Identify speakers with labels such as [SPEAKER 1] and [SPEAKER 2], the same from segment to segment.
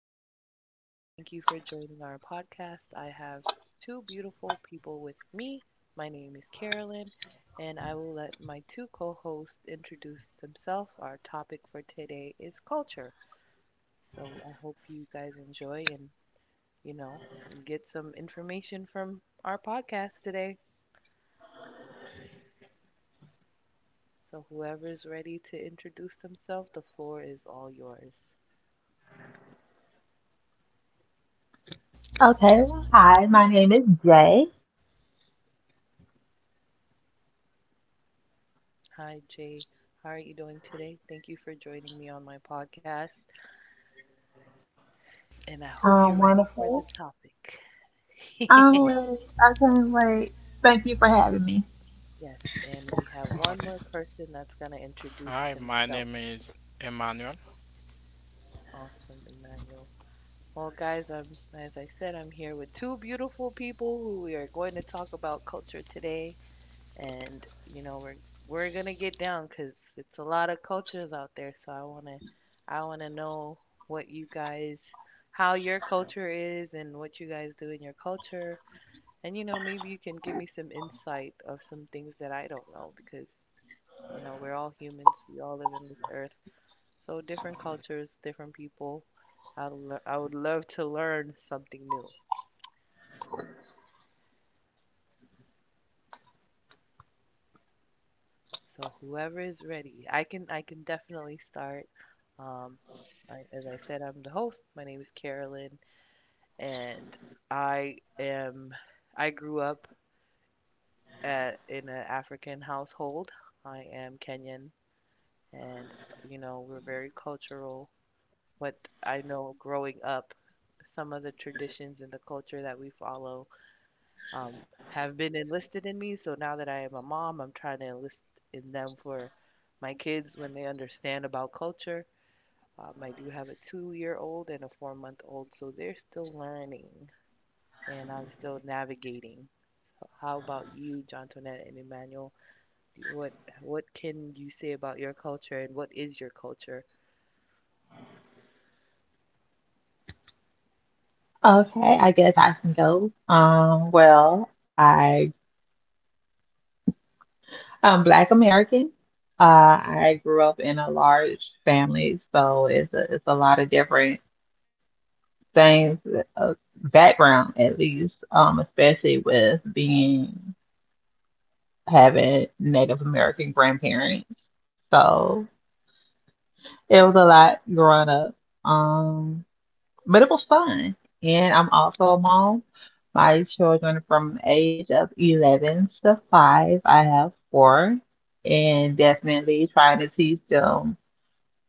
[SPEAKER 1] are. Thank you for joining our podcast. I have two beautiful people with me. My name is Carolyn, and I will let my two co hosts introduce themselves. Our topic for today is culture. So I hope you guys enjoy and, you know, get some information from our podcast today. So whoever's ready to introduce themselves, the floor is all yours.
[SPEAKER 2] Okay. Hi, my name is Jay.
[SPEAKER 1] Hi, Jay. How are you doing today? Thank you for joining me on my podcast, and I hope you're
[SPEAKER 2] Um,
[SPEAKER 1] ready for the
[SPEAKER 2] wonderful.
[SPEAKER 1] topic.
[SPEAKER 2] Um, I can't wait. Thank you for having me.
[SPEAKER 1] Yes, and we have one more person that's going to introduce
[SPEAKER 3] Hi, my
[SPEAKER 1] himself.
[SPEAKER 3] name is Emmanuel.
[SPEAKER 1] Awesome, Emmanuel. Well, guys, as I said, I'm here with two beautiful people who we are going to talk about culture today. And you know we're gonna get down because it's a lot of cultures out there. So I wanna know what you guys how your culture is and what you guys do in your culture. And you know maybe you can give me some insight of some things that I don't know because you know we're all humans. We all live in this earth. So different cultures, different people. I would love to learn something new. So whoever is ready, I can definitely start. Um, I, as I said, I'm the host. My name is Carolyn, and I am I grew up at in an African household. I am Kenyan, and you know we're very cultural. What I know growing up, some of the traditions and the culture that we follow um, have been enlisted in me. So now that I am a mom, I'm trying to enlist in them for my kids when they understand about culture. I do have a 2-year old and a 4-month old, so they're still learning and I'm still navigating. How about you, John and Emmanuel? Do- What what can you say about your culture and what is your culture?
[SPEAKER 2] Okay, I guess I can go. Well, I'm Black American. I grew up in a large family, so it's it's a lot of different things, uh, background at least, especially with being having Native American grandparents. So. It was a lot growing up. Um, but it was fun. And I'm also a mom. My children from the age of 11 to 5, I have four, and definitely trying to teach them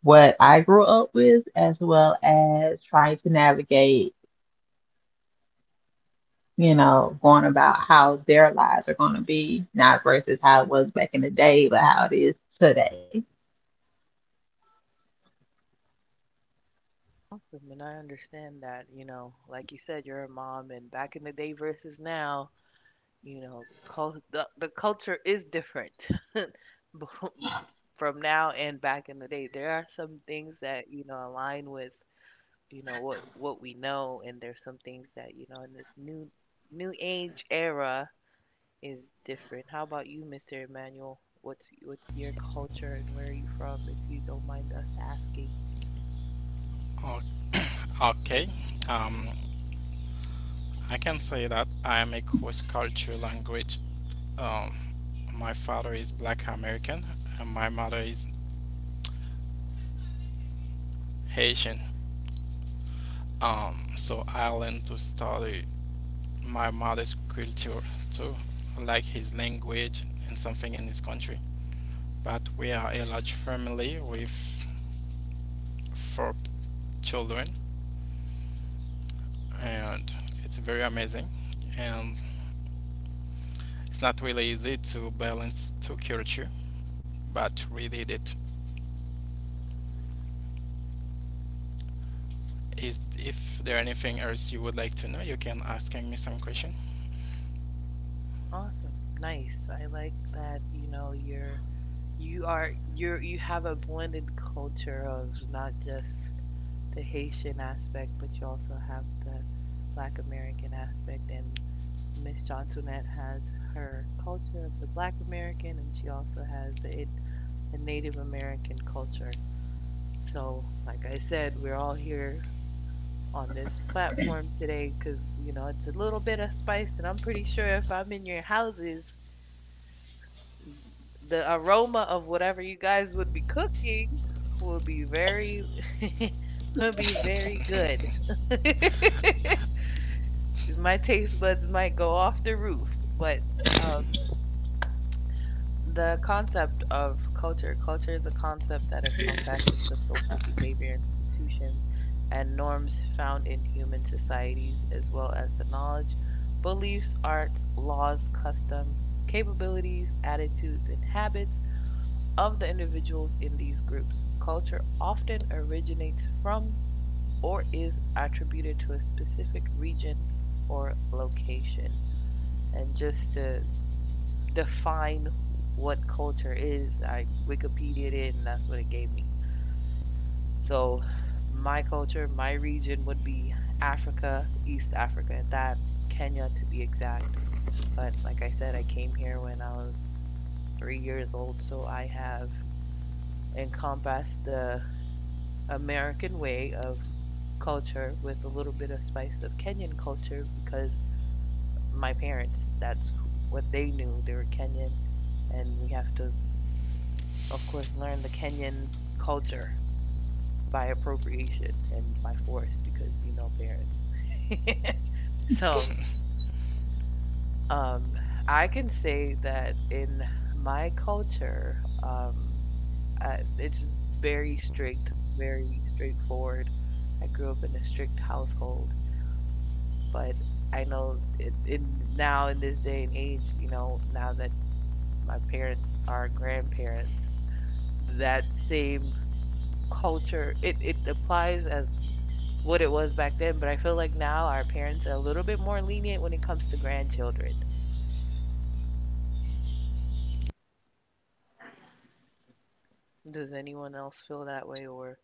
[SPEAKER 2] what I grew up with, as well as trying to navigate, you know, going about how their lives are going to be, not versus how it was back in the day, but how it is today.
[SPEAKER 1] Awesome, and I understand that, you know, like you said, you're a mom, and back in the day versus now, you know, the culture is different. befo- from now and back in the day, there are some things that you know align with you know what we know, and there's some things that you know in this new age era is different. How about you, Mr. Emmanuel? What's your culture and where are you from, if you don't mind us asking?
[SPEAKER 3] O- Okay, um, I can say that I am a cross cultural language. Um, my father is Black American and my mother is Haitian. So I learned to study my mother's culture too, like his language and something in his country. But we are a large family with four children, and it's very amazing. And it's not really easy to balance two culture, but we did it. Is if there anything else you would like to know, you can asking me some question.
[SPEAKER 1] Awesome, nice. I like that. You are you have a blended culture of not just the Haitian aspect, but you also have the Black American aspect. And Miss Johnsonette has her culture of the Black American, and she also has the Native American culture. So, like I said, we're all here on this platform today because, you know, it's a little bit of spice, and I'm pretty sure if I'm in your houses, the aroma of whatever you guys would be cooking will be very would be very good. My taste buds might go off the roof, but um, the concept of culture is a concept that encompasses the social behavior institutions and norms found in human societies, as well as the knowledge, beliefs, arts, laws, custom, capabilities, attitudes, and habits of the individuals in these groups. Culture often originates from or is attributed to a specific region or location. And just to define what culture is, I Wikipedia'd it and that's what it gave me. So, my culture, my region would be Africa, East Africa at that, Kenya to be exact. But like I said, I came here when I was 3 years old, so I have encompassed the American way of culture with a little bit of spice of Kenyan culture because my parents, that's what they knew. They were Kenyan, and we have to, of course, learn the Kenyan culture by appropriation and by force because you know parents. So, um, I can say that in my culture, it's very strict, very straightforward. I grew up in a strict household. But I know in now in this day and age, you know, now that my parents are grandparents, that same culture it applies as what it was back then, but I feel like now our parents are a little bit more lenient when it comes to grandchildren. Does anyone else feel that way or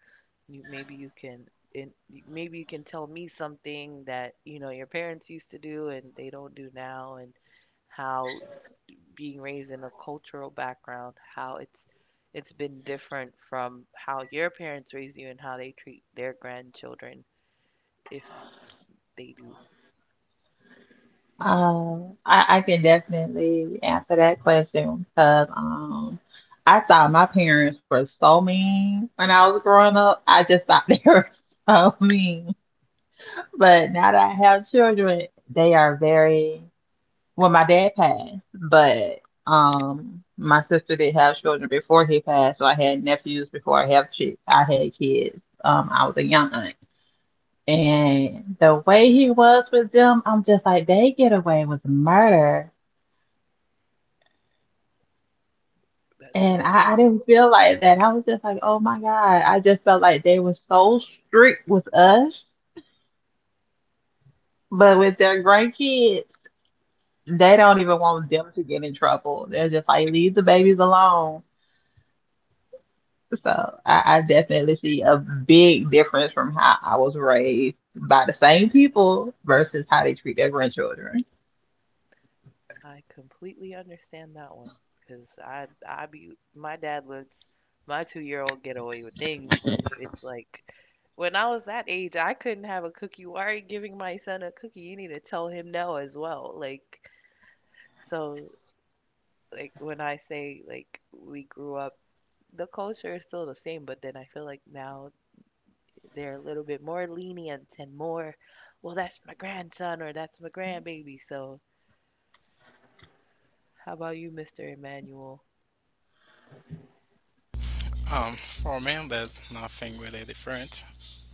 [SPEAKER 1] you, in, maybe you can tell me something that, you know, your parents used to do and they don't do now, and how being raised in a cultural background, how it's been different from how your parents raised you and how they treat their grandchildren, if they do.
[SPEAKER 2] I can definitely answer that question because I thought my parents were so mean when I was growing up. I just thought they were so mean. But now that I have children, they are very, well, my dad passed, but my sister did have children before he passed, so I had nephews before I had kids. I was a young aunt. And the way he was with them, I'm just like, they get away with murder.
[SPEAKER 1] That's
[SPEAKER 2] And
[SPEAKER 1] how it
[SPEAKER 2] I
[SPEAKER 1] is.
[SPEAKER 2] didn't feel like that. I was just like, oh my God. I just felt like they were so strict with us, but with their grandkids, they don't even want them to get in trouble. They're just like, leave the babies alone. So I definitely see a big difference from how I was raised by the same people versus how they treat their grandchildren.
[SPEAKER 1] I completely understand that one because I be my dad lets my 2-year old get away with things, and it's like when I was that age, I couldn't have a cookie. Why are you giving my son a cookie? You need to tell him no as well. Like so, like when I say like we grew up the culture is still the same, but then I feel like now they're a little bit more lenient and more, well, that's my grandson or that's my grandbaby. So, how about you, Mr. Emmanuel?
[SPEAKER 3] For me, there's nothing really different,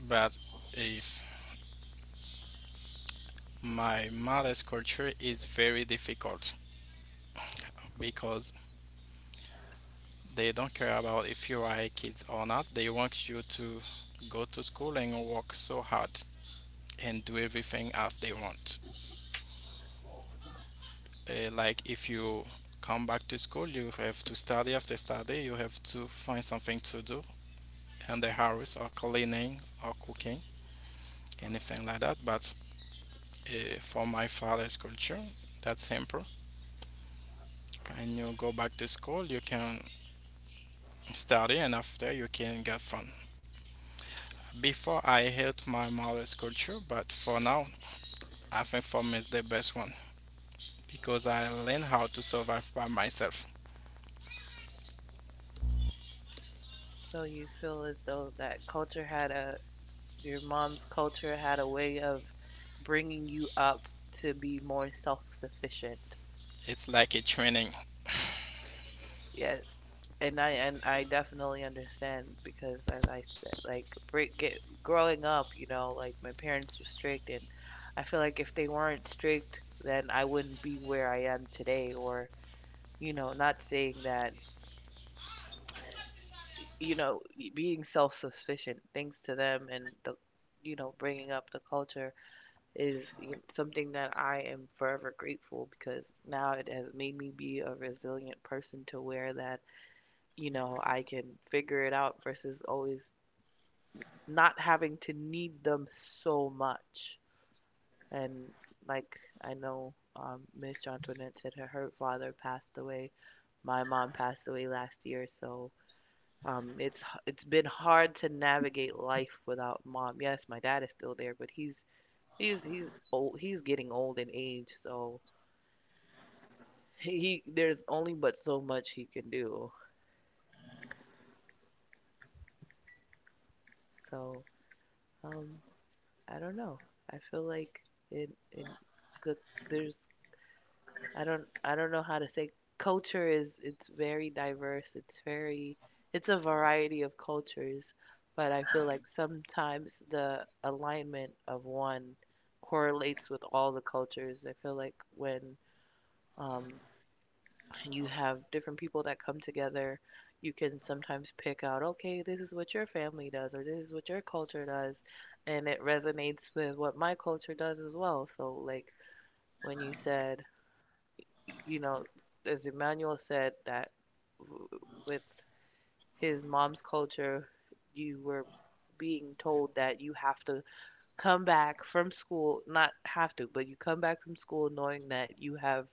[SPEAKER 3] but if my mother's culture is very difficult because they don't care about if you are a kid or not. They want you to go to school and work so hard and do everything as they want. Like if you come back to school, you have to study. After study you have to find something to do in the house, or cleaning or cooking, anything like that. But for my father's culture, that's simple. When you go back to school you can study, and after you can get fun. Before, I hate my mother's culture, but for now I think for me it's the best one because I learn how to survive by myself.
[SPEAKER 1] So, your mom's culture had a way of bringing you up to be more self sufficient.
[SPEAKER 3] It's like a training.
[SPEAKER 1] Yes. And I definitely understand because as I said, like break get growing up, you know, like my parents were strict and I feel like if they weren't strict, then I wouldn't be where I am today or, you know, not saying that, you know, being self-sufficient thanks to them and the you know, bringing up the culture is something that I am forever grateful because now it has made me be a resilient person to where that you know, I can figure it out versus always not having to need them so much. And like I know Miss John Antoinette said her father passed away. My mom passed away last year, so um, it's it's been hard to navigate life without mom. Yes, my dad is still there, but he's old. He's getting old in age, so he there's only but so much he can do. So um, I don't know. I feel like it. It good there's I don't know how to say culture is it's very diverse. It's very it's a variety of cultures, but I feel like sometimes the alignment of one correlates with all the cultures. I feel like when um and you have different people that come together. You can sometimes pick out, okay, this is what your family does, or this is what your culture does, and it resonates with what my culture does as well. So, like when you said, you know, as Emmanuel said, that w- with his mom's culture, you were being told that you have to come back from school, not have to, but you come back from school knowing that you have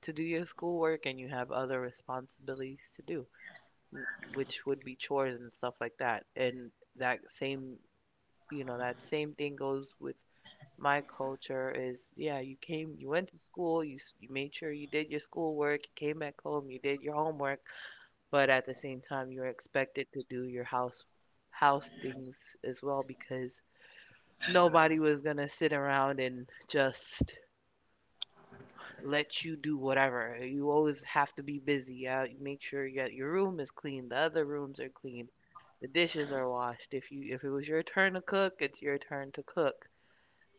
[SPEAKER 1] to do your schoolwork and you have other responsibilities to do n- which would be chores and stuff like that. And that same, you know, that same thing goes with my culture is, yeah, you came, you went to school, you made sure you did your schoolwork, you came back home, you did your homework, but at the same time, you're expected to do your house things as well because nobody was gonna sit around and just let you do whatever. You always have to be busy. Yeah, make sure you got- your room is clean, the other rooms are clean, the dishes are washed. If you if it was your turn to cook, it's your turn to cook.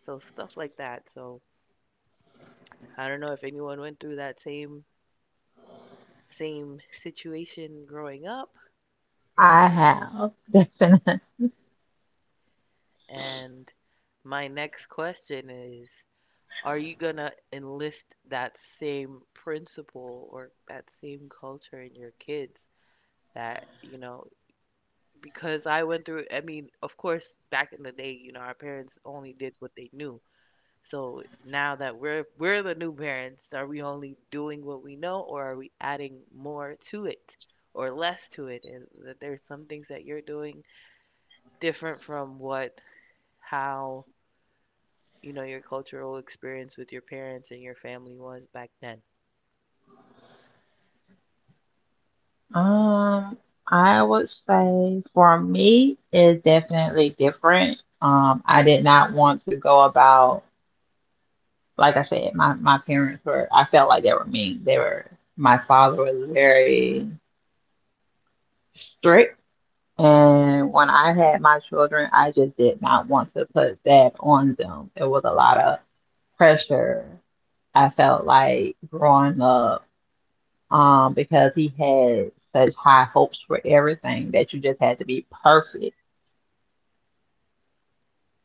[SPEAKER 1] So stuff like that. So I don't know if anyone went through that same situation growing up.
[SPEAKER 2] I have.
[SPEAKER 1] And my next question is, are you gonna enlist that same principle or that same culture in your kids? That, you know, because I went through, I mean, of course, back in the day, you know, our parents only did what they knew. So now that we're the new parents, are we only doing what we know or are we adding more to it or less to it? And that there's some things that you're doing different from what how, you know, your cultural experience with your parents and your family was back then.
[SPEAKER 2] Um, I would say for me, it's definitely different. I did not want to go about, like I said, my parents were, I felt like they were mean. They were, my father was very strict, and when I had my children, I just did not want to put that on them. It was a lot of pressure. I felt like growing up, because he had such high hopes for everything that you just had to be perfect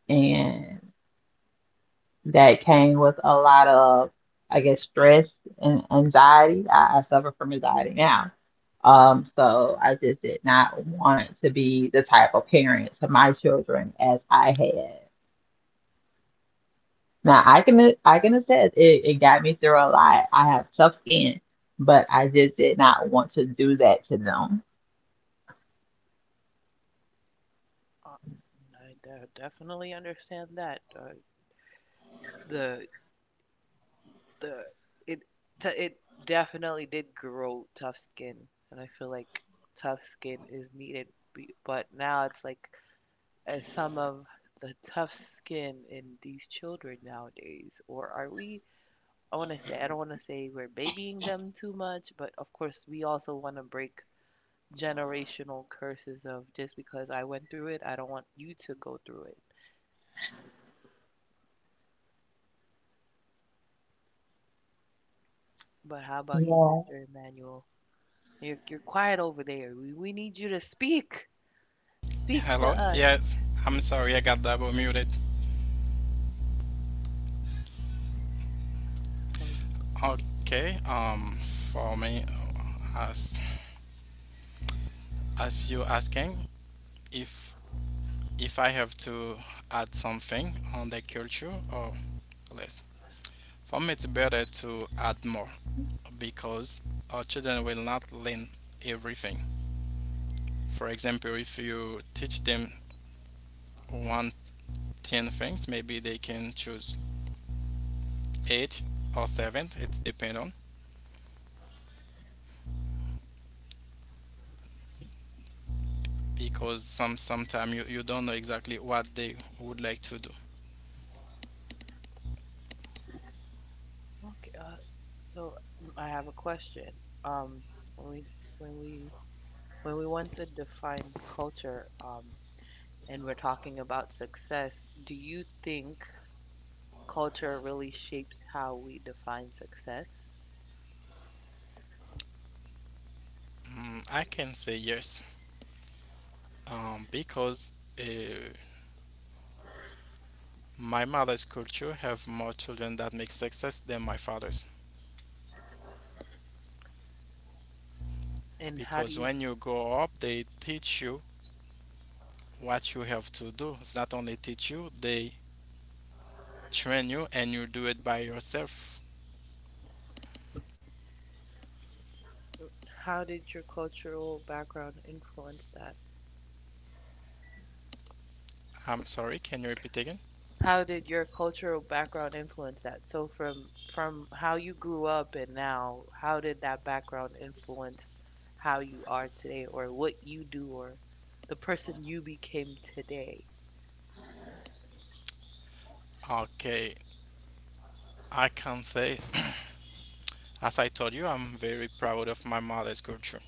[SPEAKER 2] and that came with a lot of, I guess, stress and anxiety. I suffer from anxiety now. So I just did not want to be the type of parent to my children as I had. Now I can attest it, it got me through a lot. I have tough skin, but I just did not want to do that to them.
[SPEAKER 1] Uh, I definitely understand that. The the it it definitely did grow tough skin, and I feel like tough skin is needed. But now it's like some of the tough skin in these children nowadays, or are we? I want to say I don't want to say we're babying them too much, but of course we also want to break generational curses of just because I went through it, I don't want you to go through it. But how about you,
[SPEAKER 2] Yeah.
[SPEAKER 1] Mr. Emmanuel? You're quiet over there. We need you to speak. Speak
[SPEAKER 3] Hello.
[SPEAKER 1] to us.
[SPEAKER 3] Yes. I'm sorry. I got double muted.
[SPEAKER 1] Oh,
[SPEAKER 3] Okay. For me, as you asking, if I have to add something on the culture or less. For me, it's better to add more because our children will not learn everything. For example, if you teach them one ten things, maybe they can choose eight or seven. It's depend on. Because sometime you don't know exactly what they would like to do.
[SPEAKER 1] okay. So I have a question. Um, when when we we want to define culture, and we're talking about success, do you think culture really shapes how we define success?
[SPEAKER 3] Mm, I can say yes, because uh, my mother's culture have more children that make success than my father's.
[SPEAKER 1] And how do
[SPEAKER 3] Because
[SPEAKER 1] you
[SPEAKER 3] when you grow up, they teach you what you have to do. It's not only teach you, they train you, and you do it by yourself.
[SPEAKER 1] how did your cultural background influence that?
[SPEAKER 3] I'm sorry, can you repeat again?
[SPEAKER 1] How did your cultural background influence that? So from how you grew up and now, how did that background influence how you are today or what you do or the person you became today?
[SPEAKER 3] Okay, I can say, as I told you, I'm very proud of my mother's culture.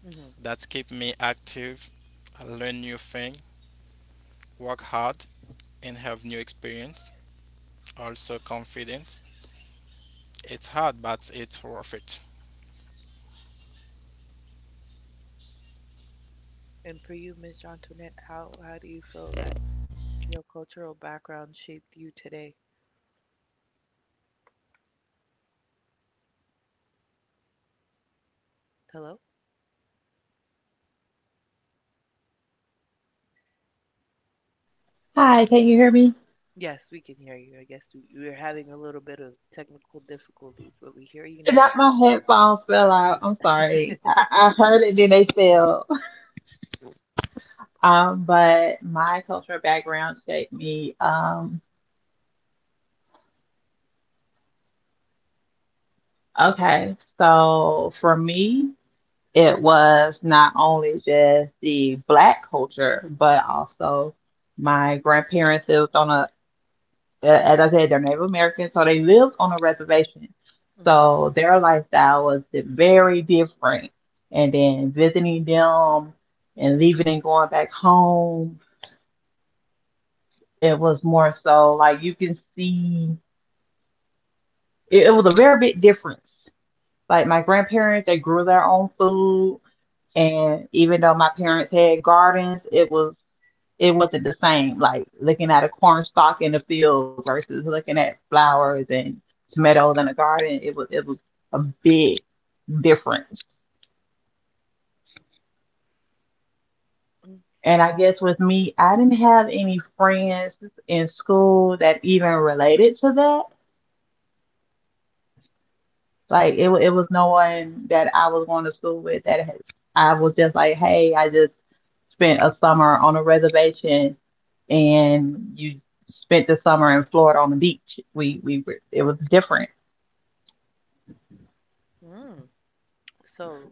[SPEAKER 1] Hmm.
[SPEAKER 3] That keep me active, learn new things, work hard, and have new experience. Also confidence. It's hard, but it's worth it.
[SPEAKER 1] And for you, Miss John Antoinette, how do you feel that your cultural background shaped you today? Hello?
[SPEAKER 2] Hi, can you hear me?
[SPEAKER 1] Yes, we can hear you. I guess we're having a little bit of technical difficulties, but we hear you now.
[SPEAKER 2] Not my headphones fell out. I'm sorry. I heard it, then they fell. But my cultural background shaped me. Okay, so for me, it was not only just the black culture, but also my grandparents lived on a, as I said, they're Native American, so they lived on a reservation.
[SPEAKER 1] Hmm.
[SPEAKER 2] So their lifestyle was very different. And then visiting them and leaving and going back home, it was more so like you can see. It was a very big difference. Like my grandparents, they grew their own food, and even though my parents had gardens, it wasn't the same. Like looking at a corn stalk in the field versus looking at flowers and tomatoes in a garden, it was a big difference. And I guess with me, I didn't have any friends in school that even related to that. Like it was no one that I was going to school with that had, I was just like, hey, I just spent a summer on a reservation, and you spent the summer in Florida on the beach. It was different.
[SPEAKER 1] Hmm. So,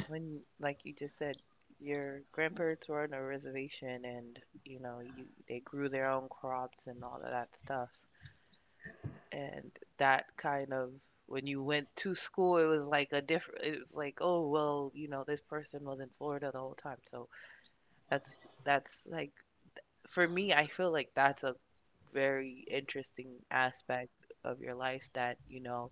[SPEAKER 1] when like you just said your grandparents were on a reservation, and you know you they grew their own crops and all of that stuff, and that kind of, when you went to school it was like a different, it was like, oh well, you know, this person was in Florida the whole time. So that's that's like, for me I feel like that's a very interesting aspect of your life that, you know,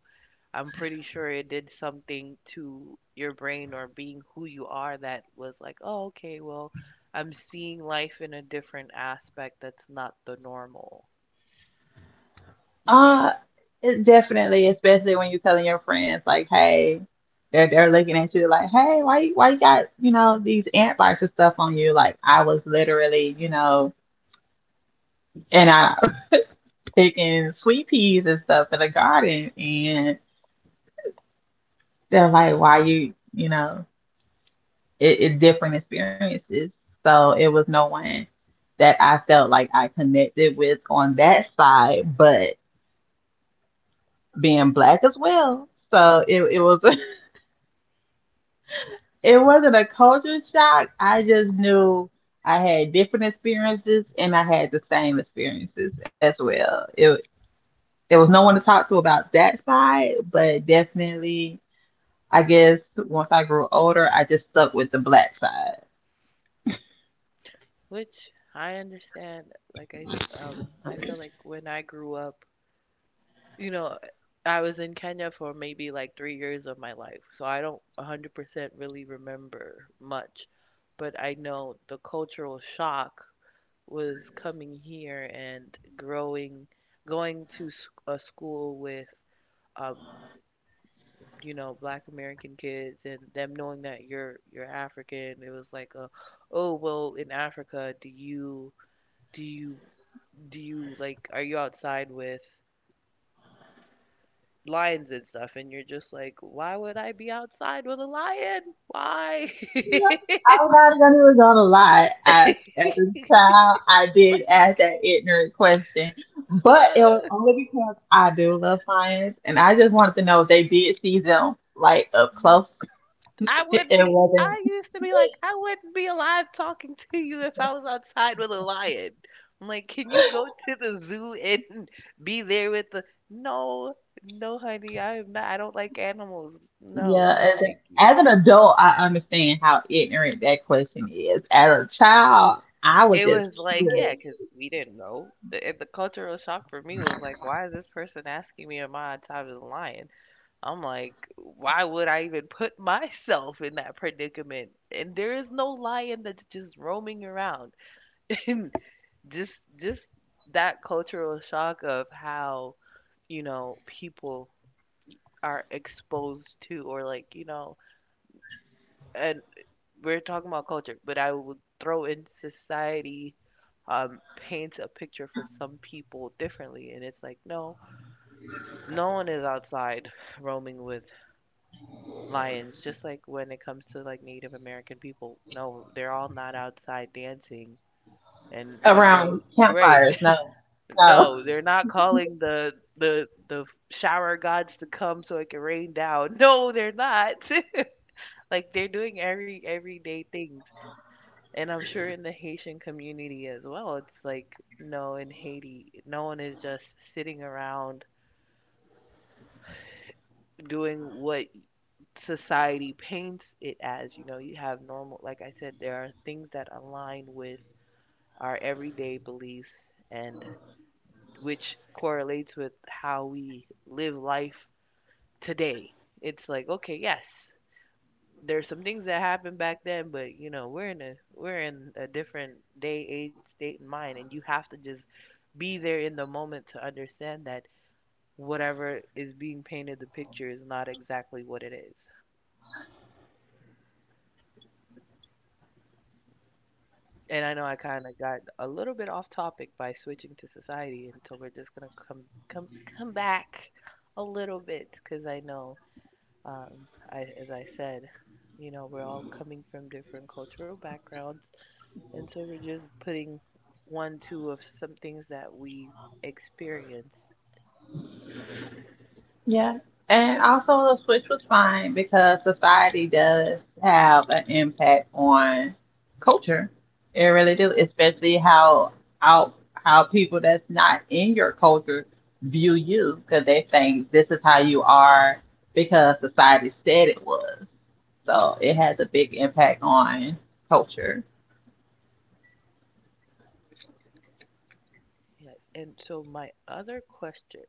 [SPEAKER 1] I'm pretty sure it did something to your brain or being who you are, that was like, oh, okay, well, I'm seeing life in a different aspect that's not the normal.
[SPEAKER 2] Uh, it definitely, especially when you're telling your friends like, hey, they're looking at you like, hey, why you got, you know, these ant bites and stuff on you? Like I was literally, you know, and I picking sweet peas and stuff in the garden and. They're like, why you, you know, it's different experiences. So it was no one that I felt like I connected with on that side, but being black as well. So it was it wasn't a culture shock. I just knew I had different experiences and I had the same experiences as well. It There was no one to talk to about that side, but definitely I guess once I grew older, I just stuck with the black side.
[SPEAKER 1] Which I understand. Like I, um, I feel like when I grew up, you know, I was in Kenya for maybe like 3 years of my life, so I don't 100% really remember much, but I know the cultural shock was coming here and growing, going to a school with, um, you know, Black American kids, and them knowing that you're African. It was like a, oh well, in Africa, do you do you like, are you outside with lions and stuff? And you're just like, why would I be outside with a lion? Why?
[SPEAKER 2] I'm not gonna even gonna lie. At the time, I did ask that ignorant question, but it was only because I do love science, and I just wanted to know if they did see them like up close.
[SPEAKER 1] I
[SPEAKER 2] It
[SPEAKER 1] would be,
[SPEAKER 2] wasn't.
[SPEAKER 1] I used to be like, I wouldn't be alive talking to you if I was outside with a lion. I'm like, can you go to the zoo and be there with the — no, no, honey, I am not, I don't like animals. No,
[SPEAKER 2] Yeah,
[SPEAKER 1] no, thank you.
[SPEAKER 2] as an adult, I understand how ignorant that question is. As a child, I was
[SPEAKER 1] It
[SPEAKER 2] just
[SPEAKER 1] was like, yeah,
[SPEAKER 2] curious.
[SPEAKER 1] because we didn't know. And the cultural shock for me was like, why is this person asking me am I on top of the lion? I'm like, why would I even put myself in that predicament? And there is no lion that's just roaming around. Just that cultural shock of how, you know, people are exposed to, or like, you know, and we're talking about culture, but I would throw in society, paints a picture for some people differently, and it's like, no, no one is outside roaming with lions. Just like when it comes to like Native American people, no, they're all not outside dancing and saying right.
[SPEAKER 2] Campfires, no, no.
[SPEAKER 1] No, they're not calling the shower gods to come so it can rain down. No, they're not. Like, they're doing everyday things. And I'm sure in the Haitian community as well, it's like, no, in Haiti, no one is just sitting around doing what society paints it as. You know, you have normal, like I said, there are things that align with our everyday beliefs, and which correlates with how we live life today. It's like, okay, yes, there's some things that happened back then, but you know, we're in a different day, age, state, and mind, and you have to just be there in the moment to understand that whatever is being painted the picture is not exactly what it is. And I know I kind of got a little bit off topic by switching to society, and so we're just gonna come come back a little bit because I know, I, as I said, you know, we're all coming from different cultural backgrounds. And so we're just putting one, two of some things that we experienced.
[SPEAKER 2] Yeah. And also, the switch was fine because society does have an impact on culture. It really do, especially how out how people that's not in your culture view you because they think this is how you are because society said it was. So it has a big impact on culture.
[SPEAKER 1] Yeah. And so my other question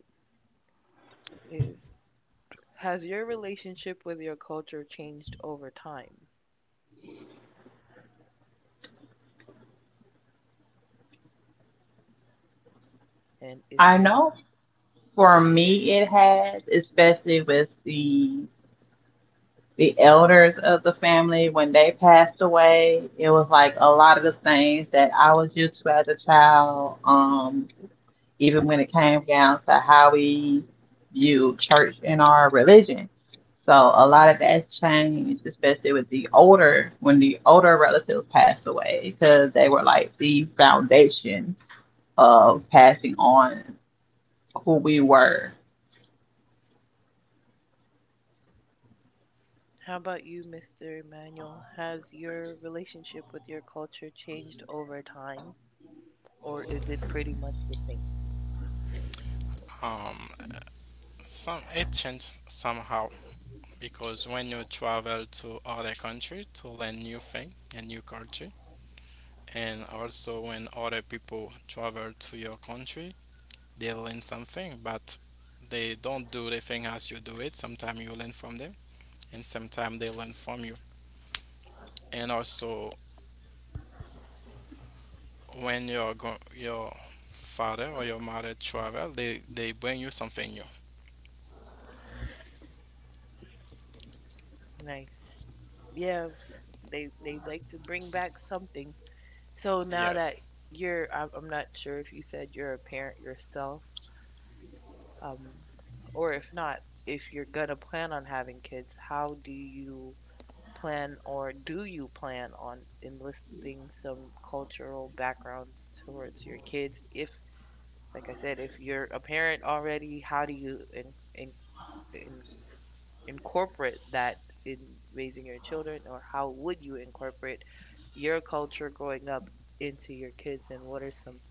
[SPEAKER 1] is, has your relationship with your culture changed over time? And is
[SPEAKER 2] I
[SPEAKER 1] there —
[SPEAKER 2] know for me it has, especially with the elders of the family when they passed away. It was like a lot of the things that I was used to as a child, even when it came down to how we view church and our religion. So a lot of that's changed, especially with the older when the older relatives passed away because they were like the foundation of passing on who we were.
[SPEAKER 1] how about you, Mr. Emmanuel? Has your relationship with your culture changed over time, or is it pretty much the same?
[SPEAKER 3] Um, some it changed somehow because when you travel to other country to learn new thing and new culture, and also when other people travel to your country, they learn something, but they don't do the thing as you do it. Sometimes you learn from them, and sometimes they learn from you. And also when your father or your mother travel, they bring you something new.
[SPEAKER 1] Nice. Yeah, they like to bring back something. So now
[SPEAKER 3] Yes.
[SPEAKER 1] that you're, I'm not sure if you said you're a parent yourself, um, or if not, if you're gonna plan on having kids, how do you plan, or do you plan on enlisting some cultural backgrounds towards your kids? If, like I said, if you're a parent already, how do you in incorporate that in raising your children, or how would you incorporate your culture growing up into your kids, and what are some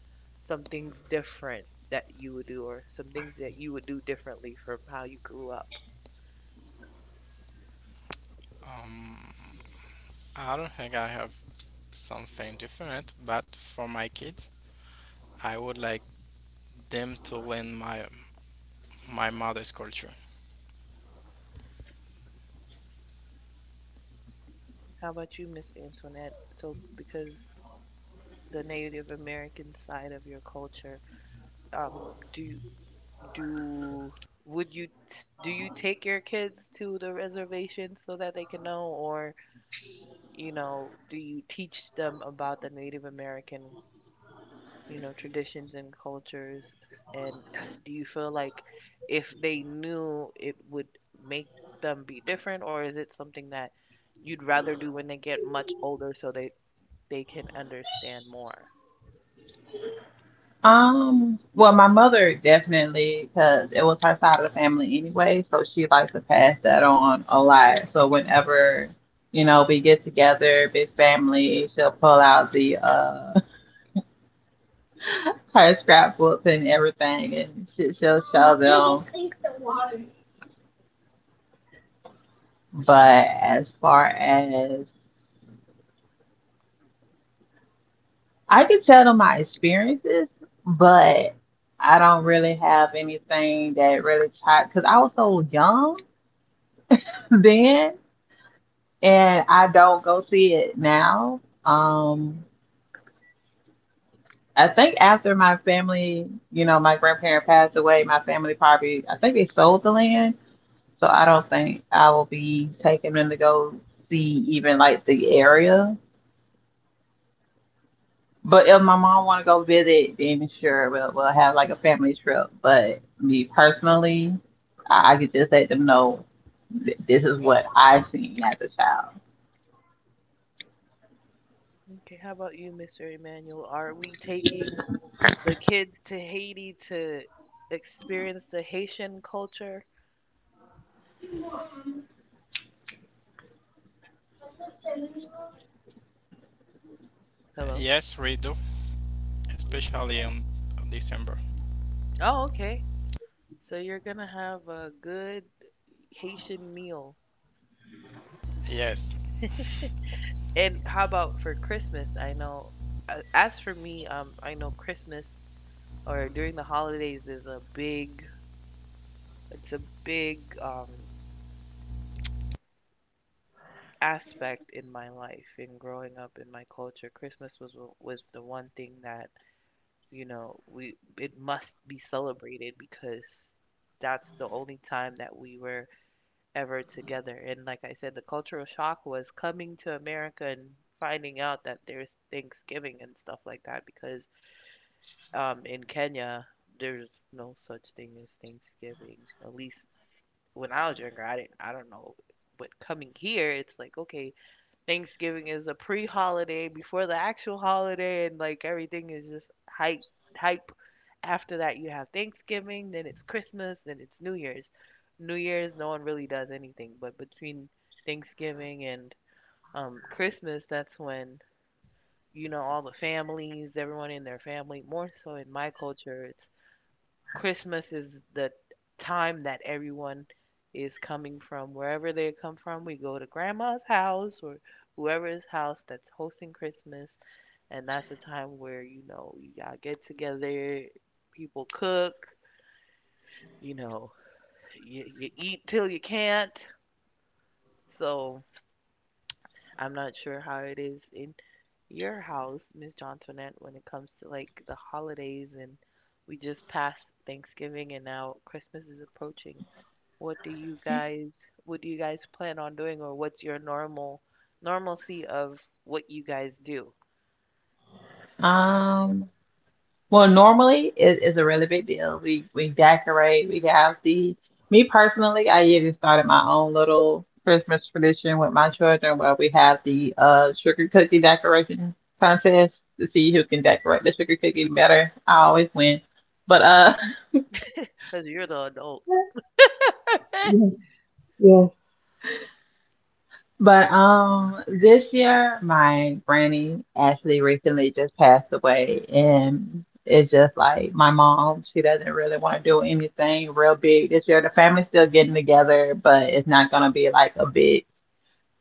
[SPEAKER 1] things different that you would do, or some things that you would do differently from how you grew up?
[SPEAKER 3] Um, I don't think I have something different, but for my kids, I would like them to learn my mother's culture.
[SPEAKER 1] How about you, Miss Antoinette? So because the Native American side of your culture, um, do do would you, do you take your kids to the reservation so that they can know? Or, you know, do you teach them about the Native American, you know, traditions and cultures? And do you feel like if they knew, it would make them be different, or is it something that you'd rather do when they get much older, so they can understand more?
[SPEAKER 2] Well, my mother definitely, because it was her side of the family anyway, so she likes to pass that on a lot. So whenever, you know, we get together, big family, she'll pull out the her scrapbooks and everything, and she'll show them. But as far as I can tell them my experiences, but I don't really have anything that really tied because I was so young then. And I don't go see it now. I think after my family, you know, my grandparent passed away, my family probably, I think they sold the land, so I don't think I will be taking them to go see even like the area. But if my mom want to go visit, then sure, we'll have like a family trip. But me personally, I could just let them know this is what I've seen as a
[SPEAKER 1] Okay, how about you, Mr. Emmanuel? Are we taking the kids to Haiti to experience the Haitian culture? Hello.
[SPEAKER 3] Yes, we do, especially on December.
[SPEAKER 1] Oh, okay. So you're gonna have a good Haitian meal.
[SPEAKER 3] Yes,
[SPEAKER 1] And how about for Christmas? I know, as for me, I know Christmas, or during the holidays, is a big, it's a big aspect in my life in growing up in my culture. Christmas was the one thing that, you know, we, it must be celebrated because that's the only time that we were ever together. And like I said, the cultural shock was coming to America and finding out that there's Thanksgiving and stuff like that, because in Kenya there's no such thing as Thanksgiving. At least when I was younger, I didn't. I don't know. But coming here, it's like, okay, Thanksgiving is a pre-holiday before the actual holiday, and like everything is just hype, hype after that, you have Thanksgiving, then it's Christmas, then it's New Year's. New Year's, no one really does anything, but between Thanksgiving and Christmas, that's when you know all the families, everyone in their family. More so in my culture, it's Christmas is the time that everyone is coming from wherever they come from. We go to grandma's house, or whoever's house that's hosting Christmas, and that's the time where you know y'all get together, people cook, you know, you eat till you can't. So I'm not sure how it is in your house, Miss Johnsonette, when it comes to like the holidays, and we just passed Thanksgiving and now Christmas is approaching. What do you guys, plan on doing, or what's your normal normalcy of what you guys do?
[SPEAKER 2] child. Well, normally it is a really big deal. We decorate, we have the me personally, I even started my own little Christmas tradition with my children where we have the sugar cookie decoration contest to see who can decorate the sugar cookie better. I always win. But
[SPEAKER 1] Because you're the adult.
[SPEAKER 2] but this year, my granny actually recently just passed away, and it's just like my mom, she doesn't really want to do anything real big this year. The family's still getting together, but it's not gonna be like a big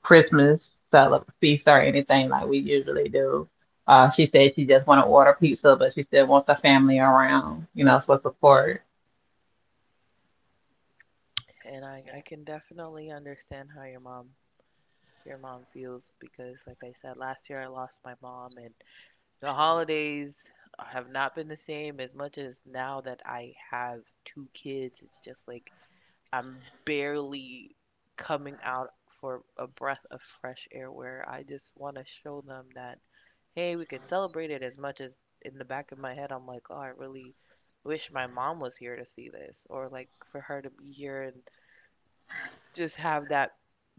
[SPEAKER 2] Christmas feast or anything like we usually do. She said she just want to order pizza, but she still wants the family around, you know, for support.
[SPEAKER 1] And I can definitely understand how your mom feels, because like I said, last year I lost my mom, and the holidays have not been the same. As much as now that I have two kids, it's just like, I'm barely coming out for a breath of fresh air, where I just want to show them that, hey, we can celebrate it, as much as in the back of my head, I'm like, oh, I really wish my mom was here to see this, or like for her to be here and just have that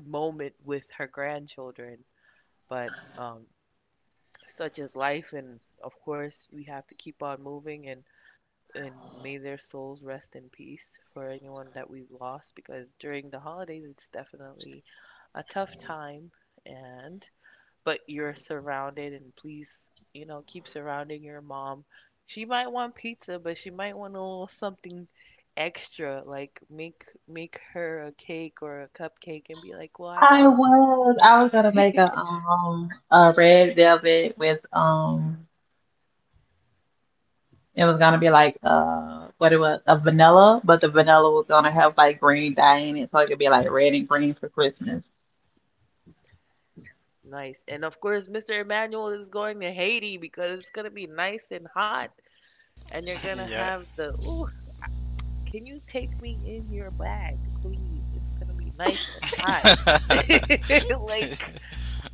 [SPEAKER 1] moment with her grandchildren. But such is life, and of course we have to keep on moving, and may their souls rest in peace for anyone that we've lost, because during the holidays it's definitely a tough time. And but you're surrounded, and please, you know, keep surrounding your mom. She might want pizza, but she might want a little something extra, like make her a cake or a cupcake and be like, well, I thought about —
[SPEAKER 2] I was gonna make a red velvet with. It was gonna be like what it was a vanilla, but the vanilla was gonna have like green dye in it, so it could be like red and green for Christmas.
[SPEAKER 1] Nice. And of course, Mr. Emmanuel is going to Haiti because it's going to be nice and hot, and you're going to
[SPEAKER 3] yeah,
[SPEAKER 1] have the, ooh, can you take me in your bag, please? It's going to be nice and hot. Like,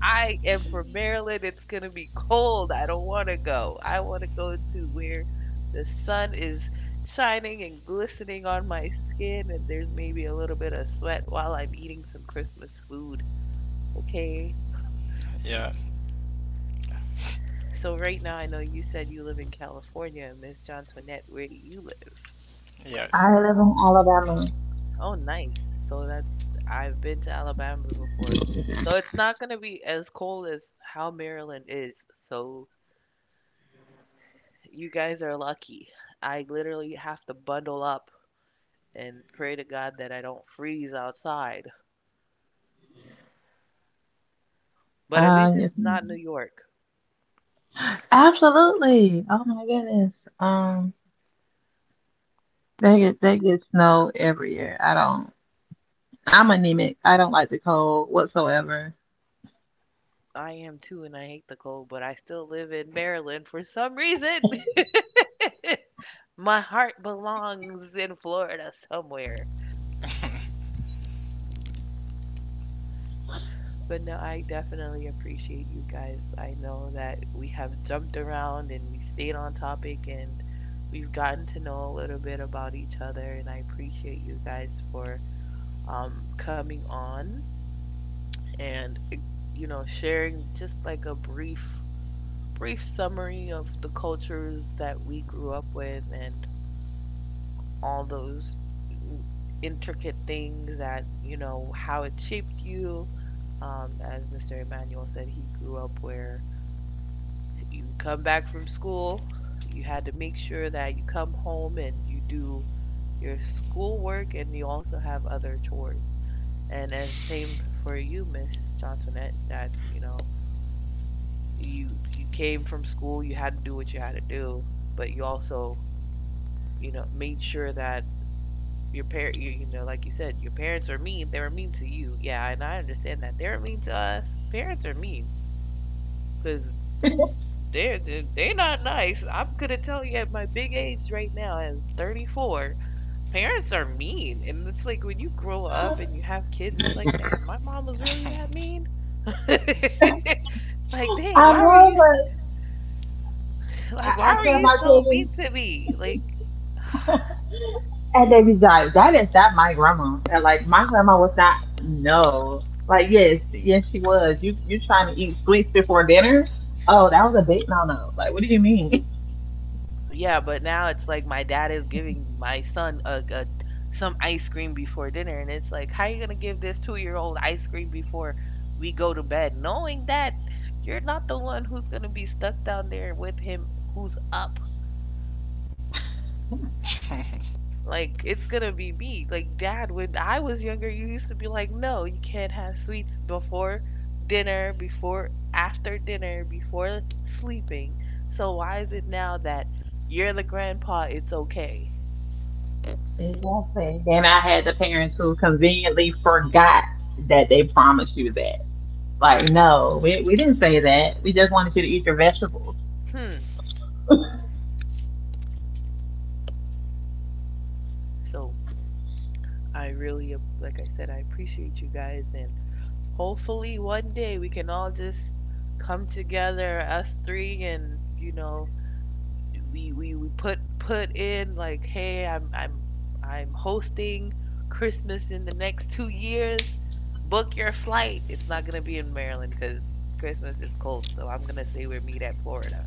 [SPEAKER 1] I am from Maryland. It's going to be cold. I don't want to go. I want to go to where the sun is shining and glistening on my skin, and there's maybe a little bit of sweat while I'm eating some Christmas food. Okay?
[SPEAKER 3] yeah,
[SPEAKER 1] So right now, I know you said you live in California, Miss John Toinette. Where do you live?
[SPEAKER 3] yes,
[SPEAKER 2] I live in Alabama.
[SPEAKER 1] Oh, nice. So that's I've been to Alabama before. So it's not gonna be as cold as how Maryland is. So you guys are lucky. I literally have to bundle up and pray to God that I don't freeze outside. But at least
[SPEAKER 2] Yes,
[SPEAKER 1] it's not
[SPEAKER 2] ma'am.
[SPEAKER 1] New York.
[SPEAKER 2] Absolutely. Oh my goodness. Um they get snow every year. I don't, I'm anemic. I don't like the cold whatsoever.
[SPEAKER 1] I am too, and I hate the cold, but I still live in Maryland for some reason. My heart belongs in Florida somewhere. But no, I definitely appreciate you guys. I know that we have jumped around and we stayed on topic and we've gotten to know a little bit about each other. And I appreciate you guys for coming on and, sharing just like a brief, brief summary of the cultures that we grew up with and all those mm, intricate things that, you know, how it shaped you. As Mr. Emmanuel said, he grew up where you come back from school, you had to make sure that you come home and you do your schoolwork and you also have other chores. And as same for you, Miss Johnsonette, that you know you came from school, you had to do what you had to do, but you also you know made sure that you, you know, like you said, your parents are mean, they were mean to you, yeah, and I understand that they are mean to us. Parents are mean because they're not nice. I'm gonna tell you, at my big age right now, at 34, parents are mean, and it's like when you grow up and you have kids, it's like, damn, my mom was really that mean. Like, dang,
[SPEAKER 2] I
[SPEAKER 1] why are
[SPEAKER 2] know,
[SPEAKER 1] you,
[SPEAKER 2] but
[SPEAKER 1] like, why
[SPEAKER 2] I
[SPEAKER 1] are
[SPEAKER 2] tell
[SPEAKER 1] you
[SPEAKER 2] my
[SPEAKER 1] so
[SPEAKER 2] kids.
[SPEAKER 1] mean to me? Like,
[SPEAKER 2] And they be like, that is not my grandma. And like my grandma was not, no. Like yes, yes she was. You trying to eat sweets before dinner? Oh, that was a big no no. Like what do you mean?
[SPEAKER 1] yeah, but now it's like my dad is giving my son a some ice cream before dinner, and it's like, how are you gonna give this two-year-old ice cream before we go to bed, knowing that you're not the one who's gonna be stuck down there with him who's up. Like it's gonna be me. Like, dad, when I was younger, you used to be like, no, you can't have sweets before dinner, before, after dinner, before sleeping. So why is it now that you're the grandpa, it's okay?
[SPEAKER 2] Exactly. Then I had the parents who conveniently forgot that they promised you that. Like, no, we didn't say that. We just wanted you to eat your vegetables.
[SPEAKER 1] Hmm. So I really, like I said, I appreciate you guys, and hopefully one day we can all just come together, us three, and you know, we put in like, hey, I'm hosting Christmas in the next two years. Book your flight. It's not gonna be in Maryland because Christmas is cold, so I'm gonna say we meet at Florida.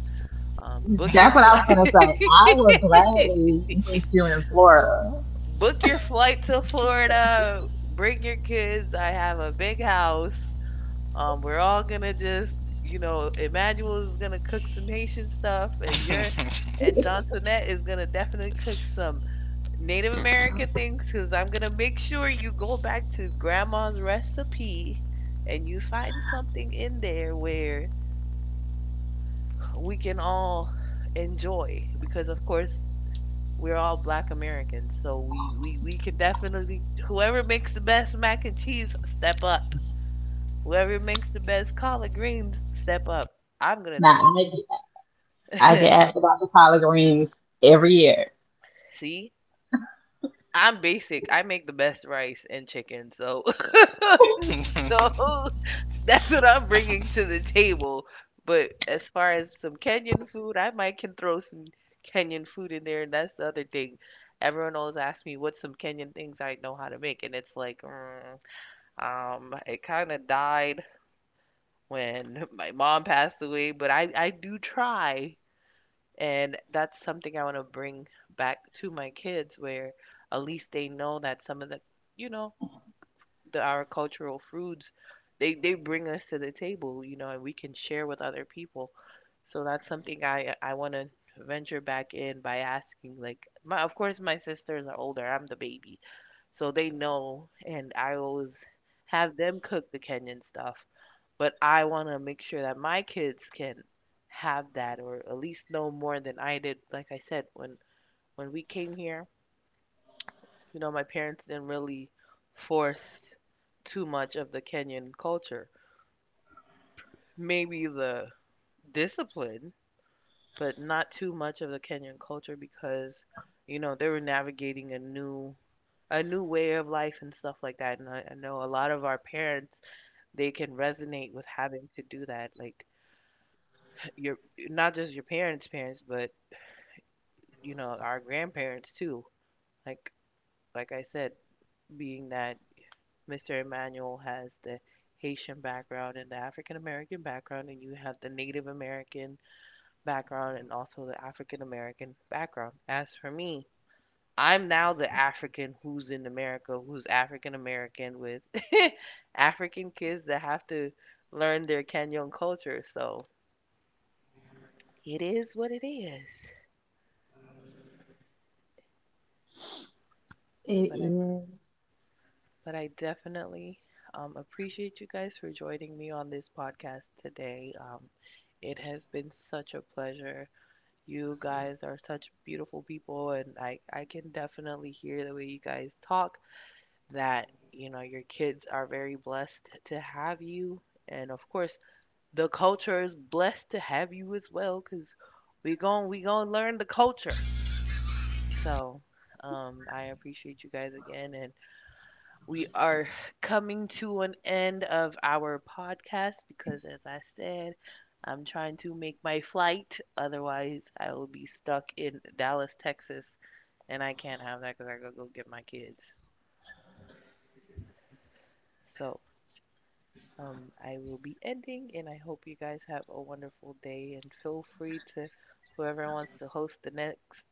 [SPEAKER 1] Book your
[SPEAKER 2] That's what I
[SPEAKER 1] flight.
[SPEAKER 2] was gonna say. I will gladly meet you in Florida.
[SPEAKER 1] Book your flight to Florida. Bring your kids. I have a big house. We're all gonna just, you know, Emmanuel is gonna cook some Haitian stuff, and Johnsonette is gonna definitely cook some Native American things, cause I'm gonna make sure you go back to Grandma's recipe, and you find something in there where we can all enjoy because of course we're all black Americans, so we can definitely, whoever makes the best mac and cheese, step up. Whoever makes the best collard greens, step up. I'm gonna
[SPEAKER 2] Now I get, I get
[SPEAKER 1] just,
[SPEAKER 2] asked about the collard greens every year.
[SPEAKER 1] See. I'm basic. I make the best rice and chicken, so so that's what I'm bringing to the table. But as far as some Kenyan food, I might can throw some Kenyan food in there, and that's the other thing. Everyone always asks me what's some Kenyan things I know how to make, and it's like. Mm, it kind of died when my mom passed away, but I do try. And that's something I want to bring back to my kids where at least they know that some of the, you know, the our cultural foods, they bring us to the table, you know, and we can share with other people. So that's something I want to venture back in by asking, like, my of course my sisters are older, I'm the baby. So they know, and I always have them cook the Kenyan stuff, but I want to make sure that my kids can have that or at least know more than I did. Like I said, when we came here, you know, my parents didn't really force too much of the Kenyan culture. Maybe the discipline, but not too much of the Kenyan culture because, you know, they were navigating a new way of life and stuff like that. And I know a lot of our parents, they can resonate with having to do that. Like your, not just your parents' parents, but you know, our grandparents too. like like I said, being that Mr. Emmanuel has the Haitian background and the African American background, and you have the Native American background and also the African American background, as for me, I'm now the African who's in America, who's African American with African kids that have to learn their Kenyan culture. So it is what it is.
[SPEAKER 2] It
[SPEAKER 1] but i
[SPEAKER 2] is.
[SPEAKER 1] But I definitely appreciate you guys for joining me on this podcast today. It has been such a pleasure. You guys are such beautiful people, and I can definitely hear the way you guys talk that, you know, your kids are very blessed to have you. And of course, the culture is blessed to have you as well, because we gon learn the culture. So, I appreciate you guys again, and we are coming to an end of our podcast because, as I said, I'm trying to make my flight. Otherwise, I will be stuck in Dallas, Texas, and I can't have that because I gotta go get my kids. So, I will be ending, and I hope you guys have a wonderful day. And feel free to, whoever wants to host the next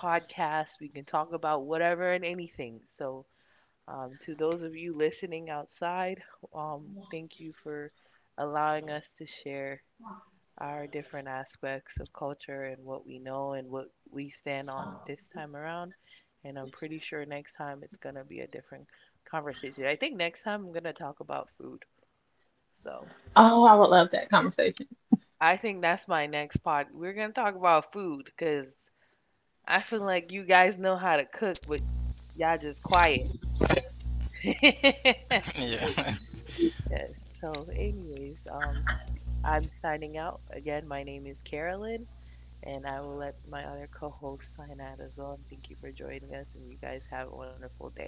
[SPEAKER 1] podcast, we can talk about whatever and anything. So, to those of you listening outside, thank you for allowing us to share our different aspects of culture and what we know and what we stand on this time around. And I'm pretty sure next time it's going to be a different conversation. I think next time I'm going to talk about food. So
[SPEAKER 2] Oh, I would love that conversation.
[SPEAKER 1] I think that's my next pod. We're going to talk about food because I feel like you guys know how to cook, but y'all just quiet.
[SPEAKER 3] yeah.
[SPEAKER 1] Yes. So, anyways, I'm signing out. Again, my name is Carolyn, and I will let my other co host sign out as well. And thank you for joining us, and you guys have a wonderful day.